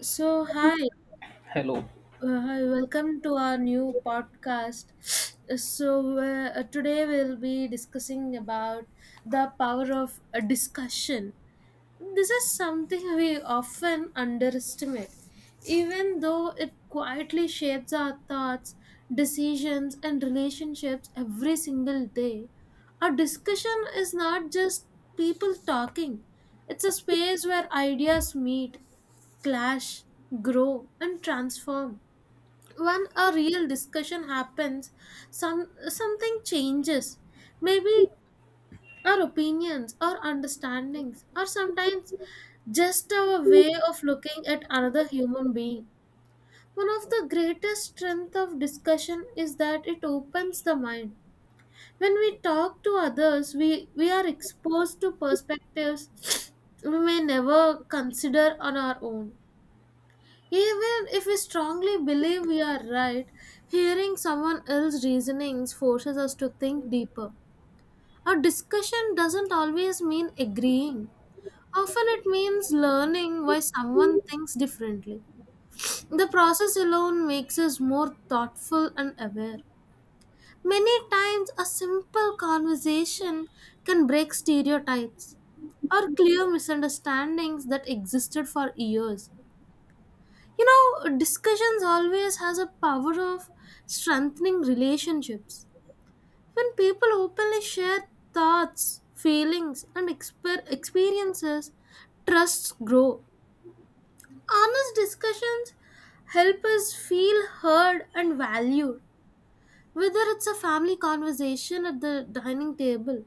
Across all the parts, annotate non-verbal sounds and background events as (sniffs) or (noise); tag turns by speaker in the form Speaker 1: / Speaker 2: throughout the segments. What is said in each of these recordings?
Speaker 1: So, hi,
Speaker 2: Hello.
Speaker 1: hi, welcome to our new podcast. (sniffs) So, today we'll be discussing about the power of a discussion. This is something we often underestimate, even though it quietly shapes our thoughts, decisions, and relationships every single day. A discussion is not just people talking. It's a space where ideas meet clash, grow, and transform. When a real discussion happens, something changes. Maybe our opinions, our understandings, or sometimes just our way of looking at another human being. One of the greatest strength of discussion is that it opens the mind. When we talk to others, we are exposed to perspectives we may never consider on our own. Even if we strongly believe we are right, hearing someone else's reasonings forces us to think deeper. A discussion doesn't always mean agreeing. Often it means learning why someone thinks differently. The process alone makes us more thoughtful and aware. Many times, a simple conversation can break stereotypes or clear misunderstandings that existed for years. Discussions always has a power of strengthening relationships when people openly share thoughts, feelings, and experiences. Trusts grow. Honest discussions help us feel heard and valued, whether it's a family conversation at the dining table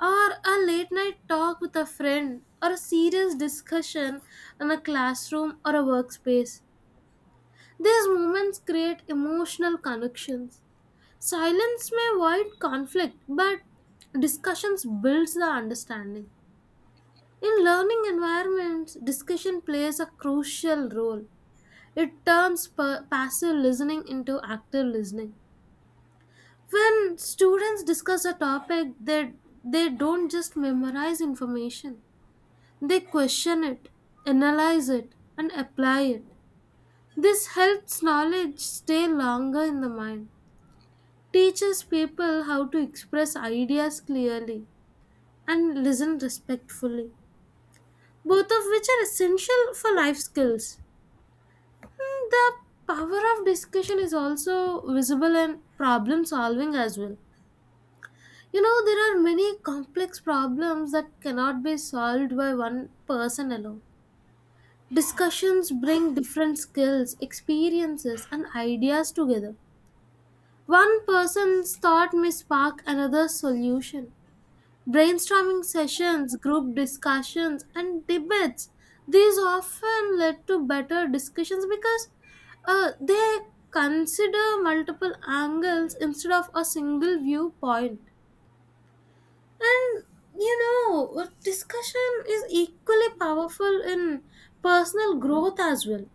Speaker 1: or a late night talk with a friend or a serious discussion in a classroom or a workspace. These moments create emotional connections. Silence may avoid conflict, but discussions builds the understanding. In learning environments, discussion plays a crucial role. It turns passive listening into active listening. When students discuss a topic, they don't just memorize information. They question it, analyze it, and apply it. This helps knowledge stay longer in the mind. Teaches people how to express ideas clearly and listen respectfully, both of which are essential for life skills. The power of discussion is also visible in problem solving as well. You know, there are many complex problems that cannot be solved by one person alone. Discussions bring different skills, experiences, and ideas together. One person's thought may spark another's solution. Brainstorming sessions, group discussions, and debates. These often led to better discussions because they consider multiple angles instead of a single viewpoint. And you know, discussion is equally powerful in personal growth as well.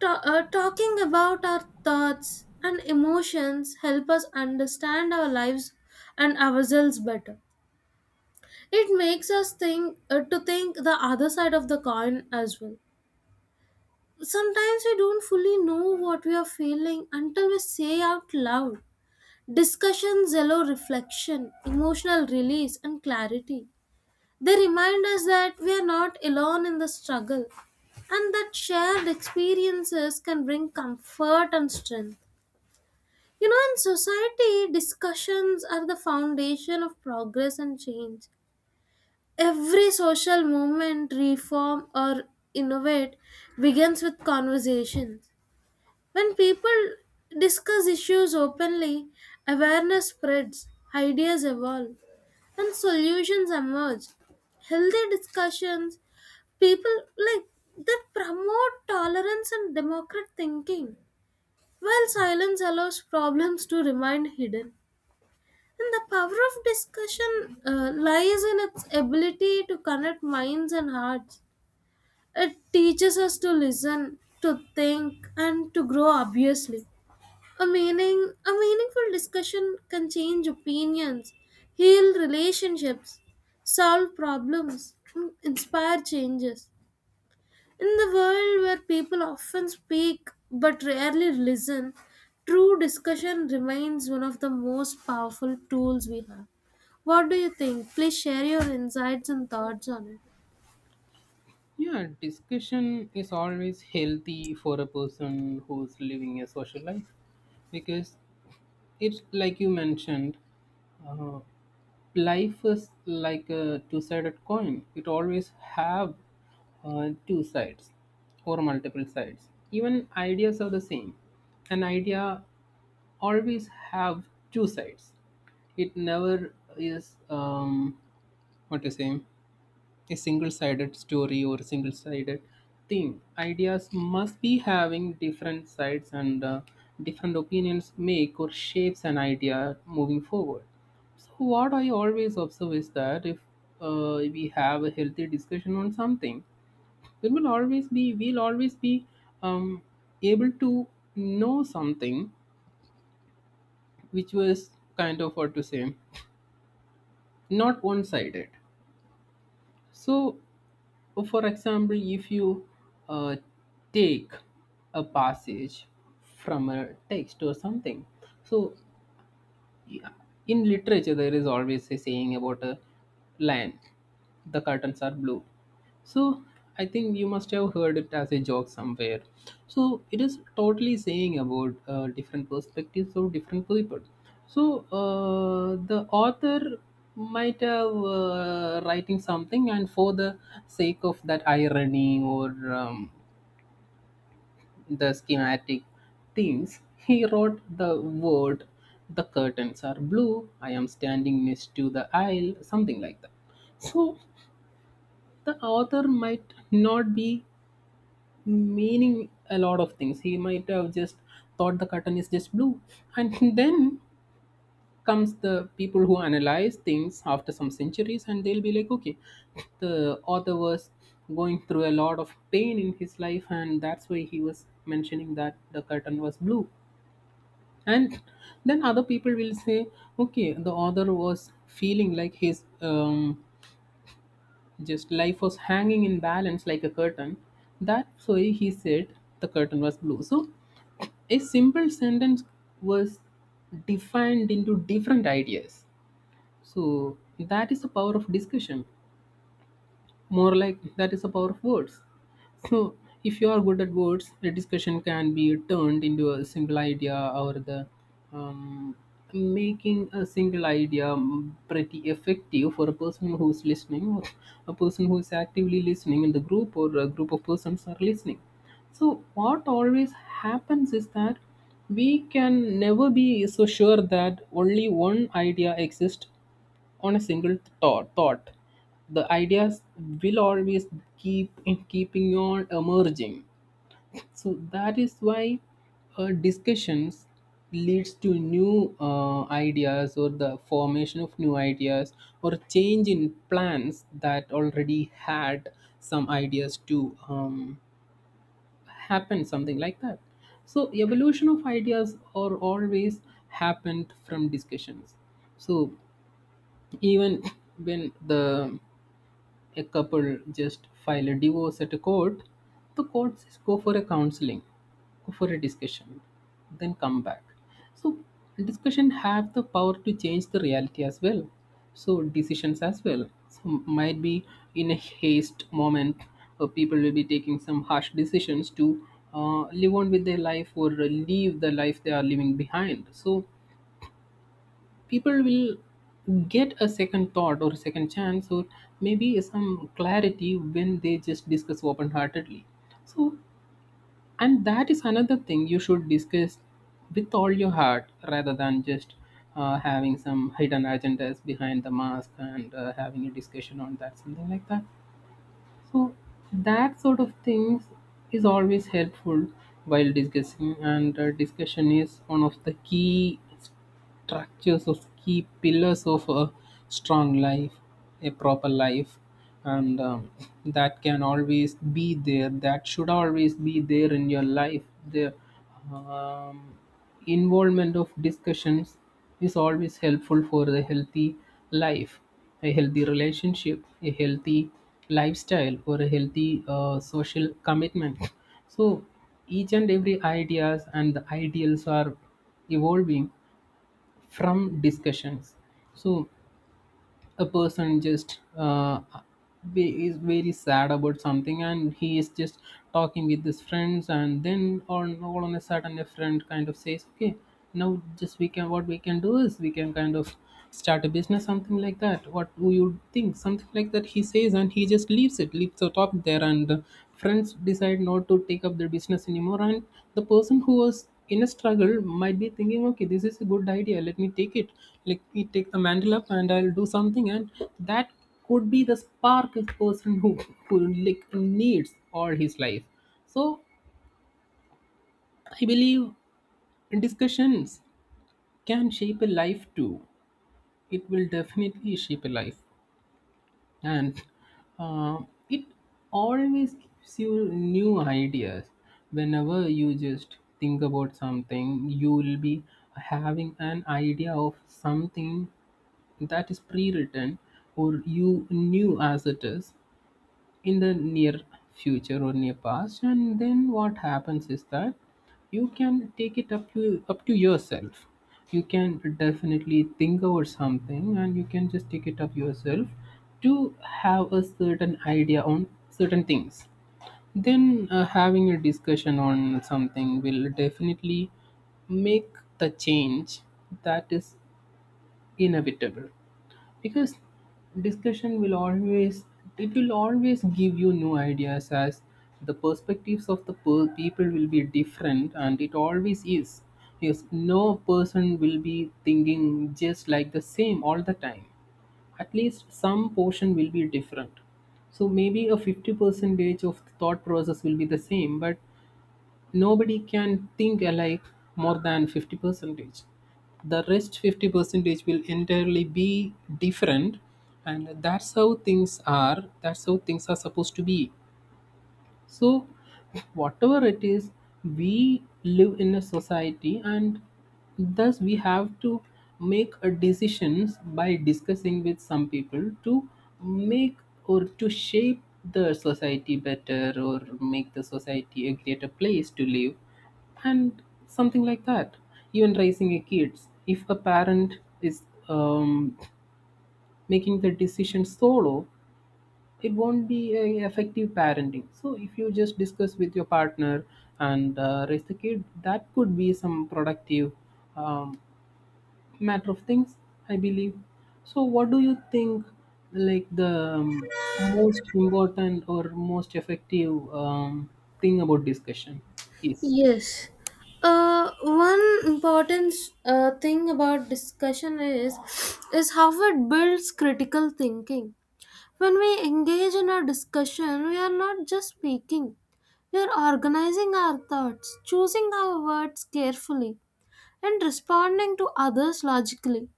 Speaker 1: Talking about our thoughts and emotions help us understand our lives and ourselves better. It makes us think, to think the other side of the coin as well. Sometimes we don't fully know what we are feeling until we say out loud. Discussion zelo reflection, emotional release, and clarity. They remind us that we are not alone in the struggle, and that shared experiences can bring comfort and strength. You know, in society, discussions are the foundation of progress and change. Every social movement, reform, or innovate begins with conversations. When people discuss issues openly, awareness spreads, ideas evolve, and solutions emerge. Healthy discussions, people like, that promote tolerance and democratic thinking, while silence allows problems to remain hidden. And the power of discussion lies in its ability to connect minds and hearts. It teaches us to listen, to think, and to grow obviously. A meaningful discussion can change opinions, heal relationships, solve problems, and inspire changes. In the world where people often speak but rarely listen, true discussion remains one of the most powerful tools we have. What do you think? Please share your insights and thoughts on it.
Speaker 2: Yeah, discussion is always healthy for a person who's living a social life because it's like you mentioned, uh, life is like a two-sided coin. It always have two sides or multiple sides. Even ideas are the same. An idea always have two sides. It never is what to say. A single-sided story or a single-sided thing. Ideas must be having different sides and different opinions make or shapes an idea moving forward. So what I always observe is that if we have a healthy discussion on something, it will always be we'll always be um, able to know something which was kind of what to say, not one-sided. So, well, for example, if you uh, take a passage from a text or something, so yeah. In literature, there is always a saying about a lion. The curtains are blue. So I think you must have heard it as a joke somewhere. So it is totally saying about different perspectives of different people. So the author might have writing something, and for the sake of that irony or the schematic things, he wrote the word, the curtains are blue, I am standing next to the aisle, something like that. So the author might not be meaning a lot of things. He might have just thought the curtain is just blue. And (laughs) then comes the people who analyze things after some centuries, and they'll be like, okay, the author was going through a lot of pain in his life, and that's why he was mentioning that the curtain was blue. And then other people will say, okay, the author was feeling like his just life was hanging in balance like a curtain, that's why he said the curtain was blue. So a simple sentence was defined into different ideas. So that is the power of discussion. More like that is the power of words. So, if you are good at words, a discussion can be turned into a single idea, or the um, making a single idea pretty effective for a person who's listening, or a person who's actively listening in the group, or a group of persons are listening. So, what always happens is that we can never be so sure that only one idea exists on a single thought. The ideas will always keeping on emerging. So that is why discussions leads to new ideas or the formation of new ideas, or change in plans that already had some ideas to happen, something like that. So evolution of ideas are always happened from discussions. So even when the a couple just file a divorce at a court, the court says go for a counseling, go for a discussion, then come back. So discussion have the power to change the reality as well. So decisions as well. So might be in a haste moment, or people will be taking some harsh decisions to live on with their life, or leave the life they are living behind. So people will get a second thought or a second chance, or maybe some clarity when they just discuss open heartedly. So, and that is another thing, you should discuss with all your heart rather than just having some hidden agendas behind the mask and having a discussion on that, something like that. So that sort of things is always helpful while discussing, and discussion is one of the key pillars of a strong life, a proper life, and that can always be there. That should always be there in your life. The um, involvement of discussions is always helpful for a healthy life, a healthy relationship, a healthy lifestyle, or a healthy social commitment. So each and every ideas and the ideals are evolving from discussions. So a person just is very sad about something, and he is just talking with his friends, and then on a sudden a friend kind of says, okay, now just we can what we can do is we can kind of start a business, something like that, what do you think, something like that, he says, and he just leaves the topic there, and friends decide not to take up their business anymore, and the person who was in a struggle might be thinking, okay, this is a good idea, let me take the mantle up and I'll do something. And that could be the spark a person who like needs all his life. So I believe discussions can shape a life too. It will definitely shape a life. And uh, it always gives you new ideas. Whenever you just think about something, you will be having an idea of something that is pre-written, or you knew as it is in the near future or near past. And then what happens is that you can take it up to yourself. You can definitely think over something, and you can just take it up yourself to have a certain idea on certain things. Then having a discussion on something will definitely make the change that is inevitable, because discussion will always it will always give you new ideas, as the perspectives of the people will be different, and it always is. Yes, no person will be thinking just like the same all the time. At least some portion will be different. So maybe a 50 percentage of the thought process will be the same, but nobody can think alike more than 50 percentage. The rest 50 percentage will entirely be different. And that's how things are supposed to be. So, whatever it is, we live in a society, and thus we have to make a decisions by discussing with some people to make or to shape the society better, or make the society a greater place to live, and something like that. Even raising a kids, if a parent is um, making the decision solo, it won't be a effective parenting. So if you just discuss with your partner and raise the kid, that could be some productive um, matter of things, I believe. So what do you think, like the um, most important or most effective thing about discussion is.
Speaker 1: Yes. One important thing about discussion is how it builds critical thinking. When we engage in a discussion, we are not just speaking. We are organizing our thoughts, choosing our words carefully, and responding to others logically.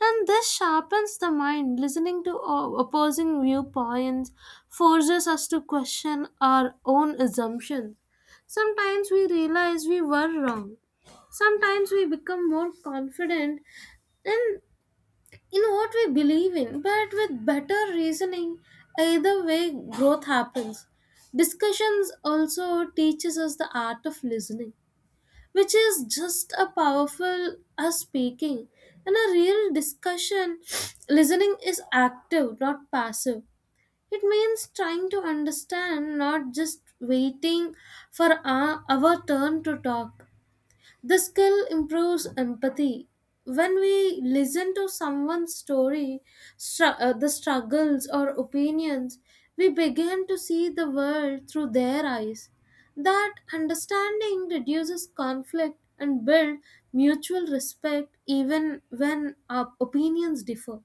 Speaker 1: And this sharpens the mind. Listening to opposing viewpoints forces us to question our own assumptions. Sometimes we realize we were wrong. Sometimes we become more confident in, in what we believe in, but with better reasoning, either way, growth happens. Discussions also teaches us the art of listening, which is just a powerful as speaking. In a real discussion, (sniffs) listening is active, not passive. It means trying to understand, not just waiting for our turn to talk. The skill improves empathy. When we listen to someone's story, the struggles or opinions, we begin to see the world through their eyes. That understanding reduces conflict and builds mutual respect even when our opinions differ.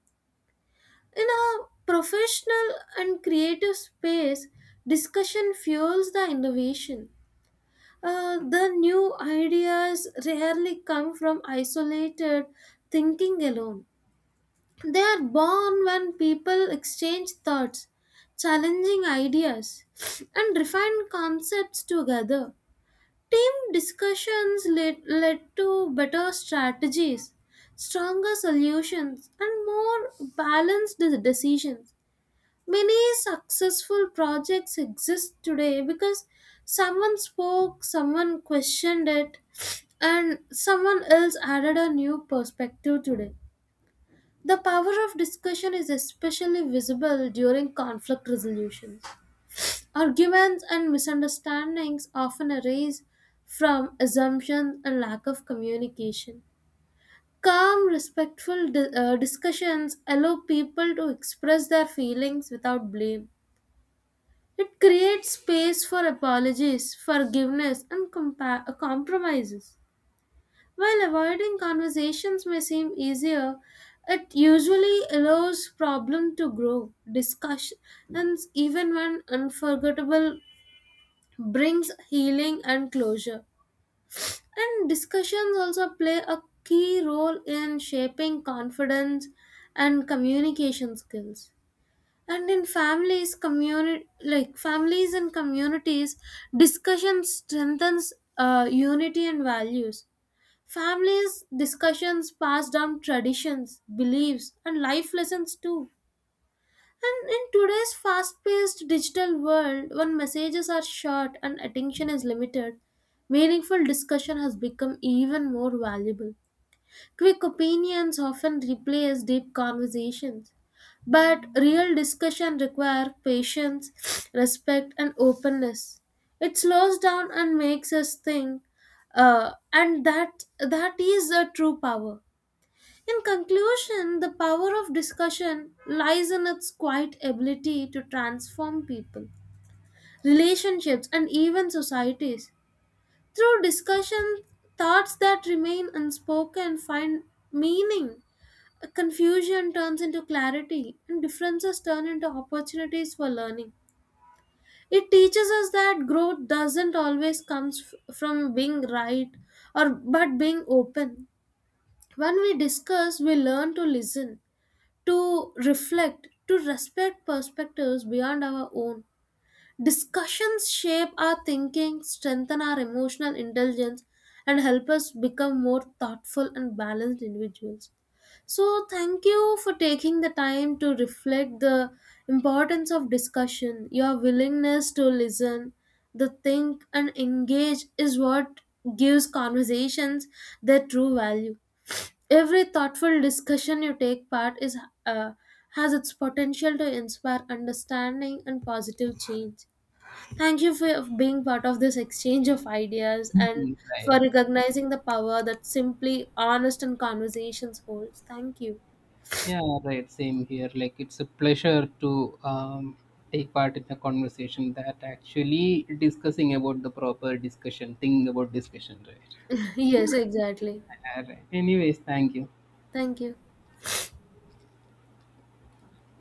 Speaker 1: In a professional and creative space, discussion fuels the innovation. The new ideas rarely come from isolated thinking alone. They are born when people exchange thoughts, challenging ideas, and refine concepts together. Team discussions led to better strategies, stronger solutions, and more balanced decisions. Many successful projects exist today because someone spoke, someone questioned it, and someone else added a new perspective today. The power of discussion is especially visible during conflict resolution. Arguments and misunderstandings often arise from assumptions and lack of communication. Calm, respectful discussions allow people to express their feelings without blame. It creates space for apologies, forgiveness, and compromises. While avoiding conversations may seem easier, it usually allows problem to grow. Discussions, even when unforgettable, brings healing and closure. And discussions also play a key role in shaping confidence and communication skills. And in families community, like families and communities, discussion strengthens unity and values. Families discussions pass down traditions, beliefs, and life lessons too. And in today's fast-paced digital world, when messages are short and attention is limited, meaningful discussion has become even more valuable. Quick opinions often replace deep conversations, but real discussion requires patience, (sniffs) respect, and openness. It slows down and makes us think, and that is a true power. In conclusion, the power of discussion lies in its quiet ability to transform people, relationships, and even societies. Through discussion, thoughts that remain unspoken find meaning. A Confusion turns into clarity, and differences turn into opportunities for learning. It teaches us that growth doesn't always come from being right or but being open. When we discuss, we learn to listen, to reflect, to respect perspectives beyond our own. Discussions shape our thinking, strengthen our emotional intelligence, and help us become more thoughtful and balanced individuals. So, thank you for taking the time to reflect the importance of discussion. Your willingness to listen, to think, and engage is what gives conversations their true value. Every thoughtful discussion you take part is uh, has its potential to inspire understanding and positive change. Thank you for being part of this exchange of ideas and
Speaker 2: Mhm, right.
Speaker 1: for recognizing the power that simply honest and conversations holds. Thank you.
Speaker 2: Yeah, right. Same here. Like, it's a pleasure to take part in a conversation that actually discussing about the proper discussion, thing about discussion, right?
Speaker 1: (laughs) Yes, exactly.
Speaker 2: All right. Anyways, thank you.
Speaker 1: Thank you.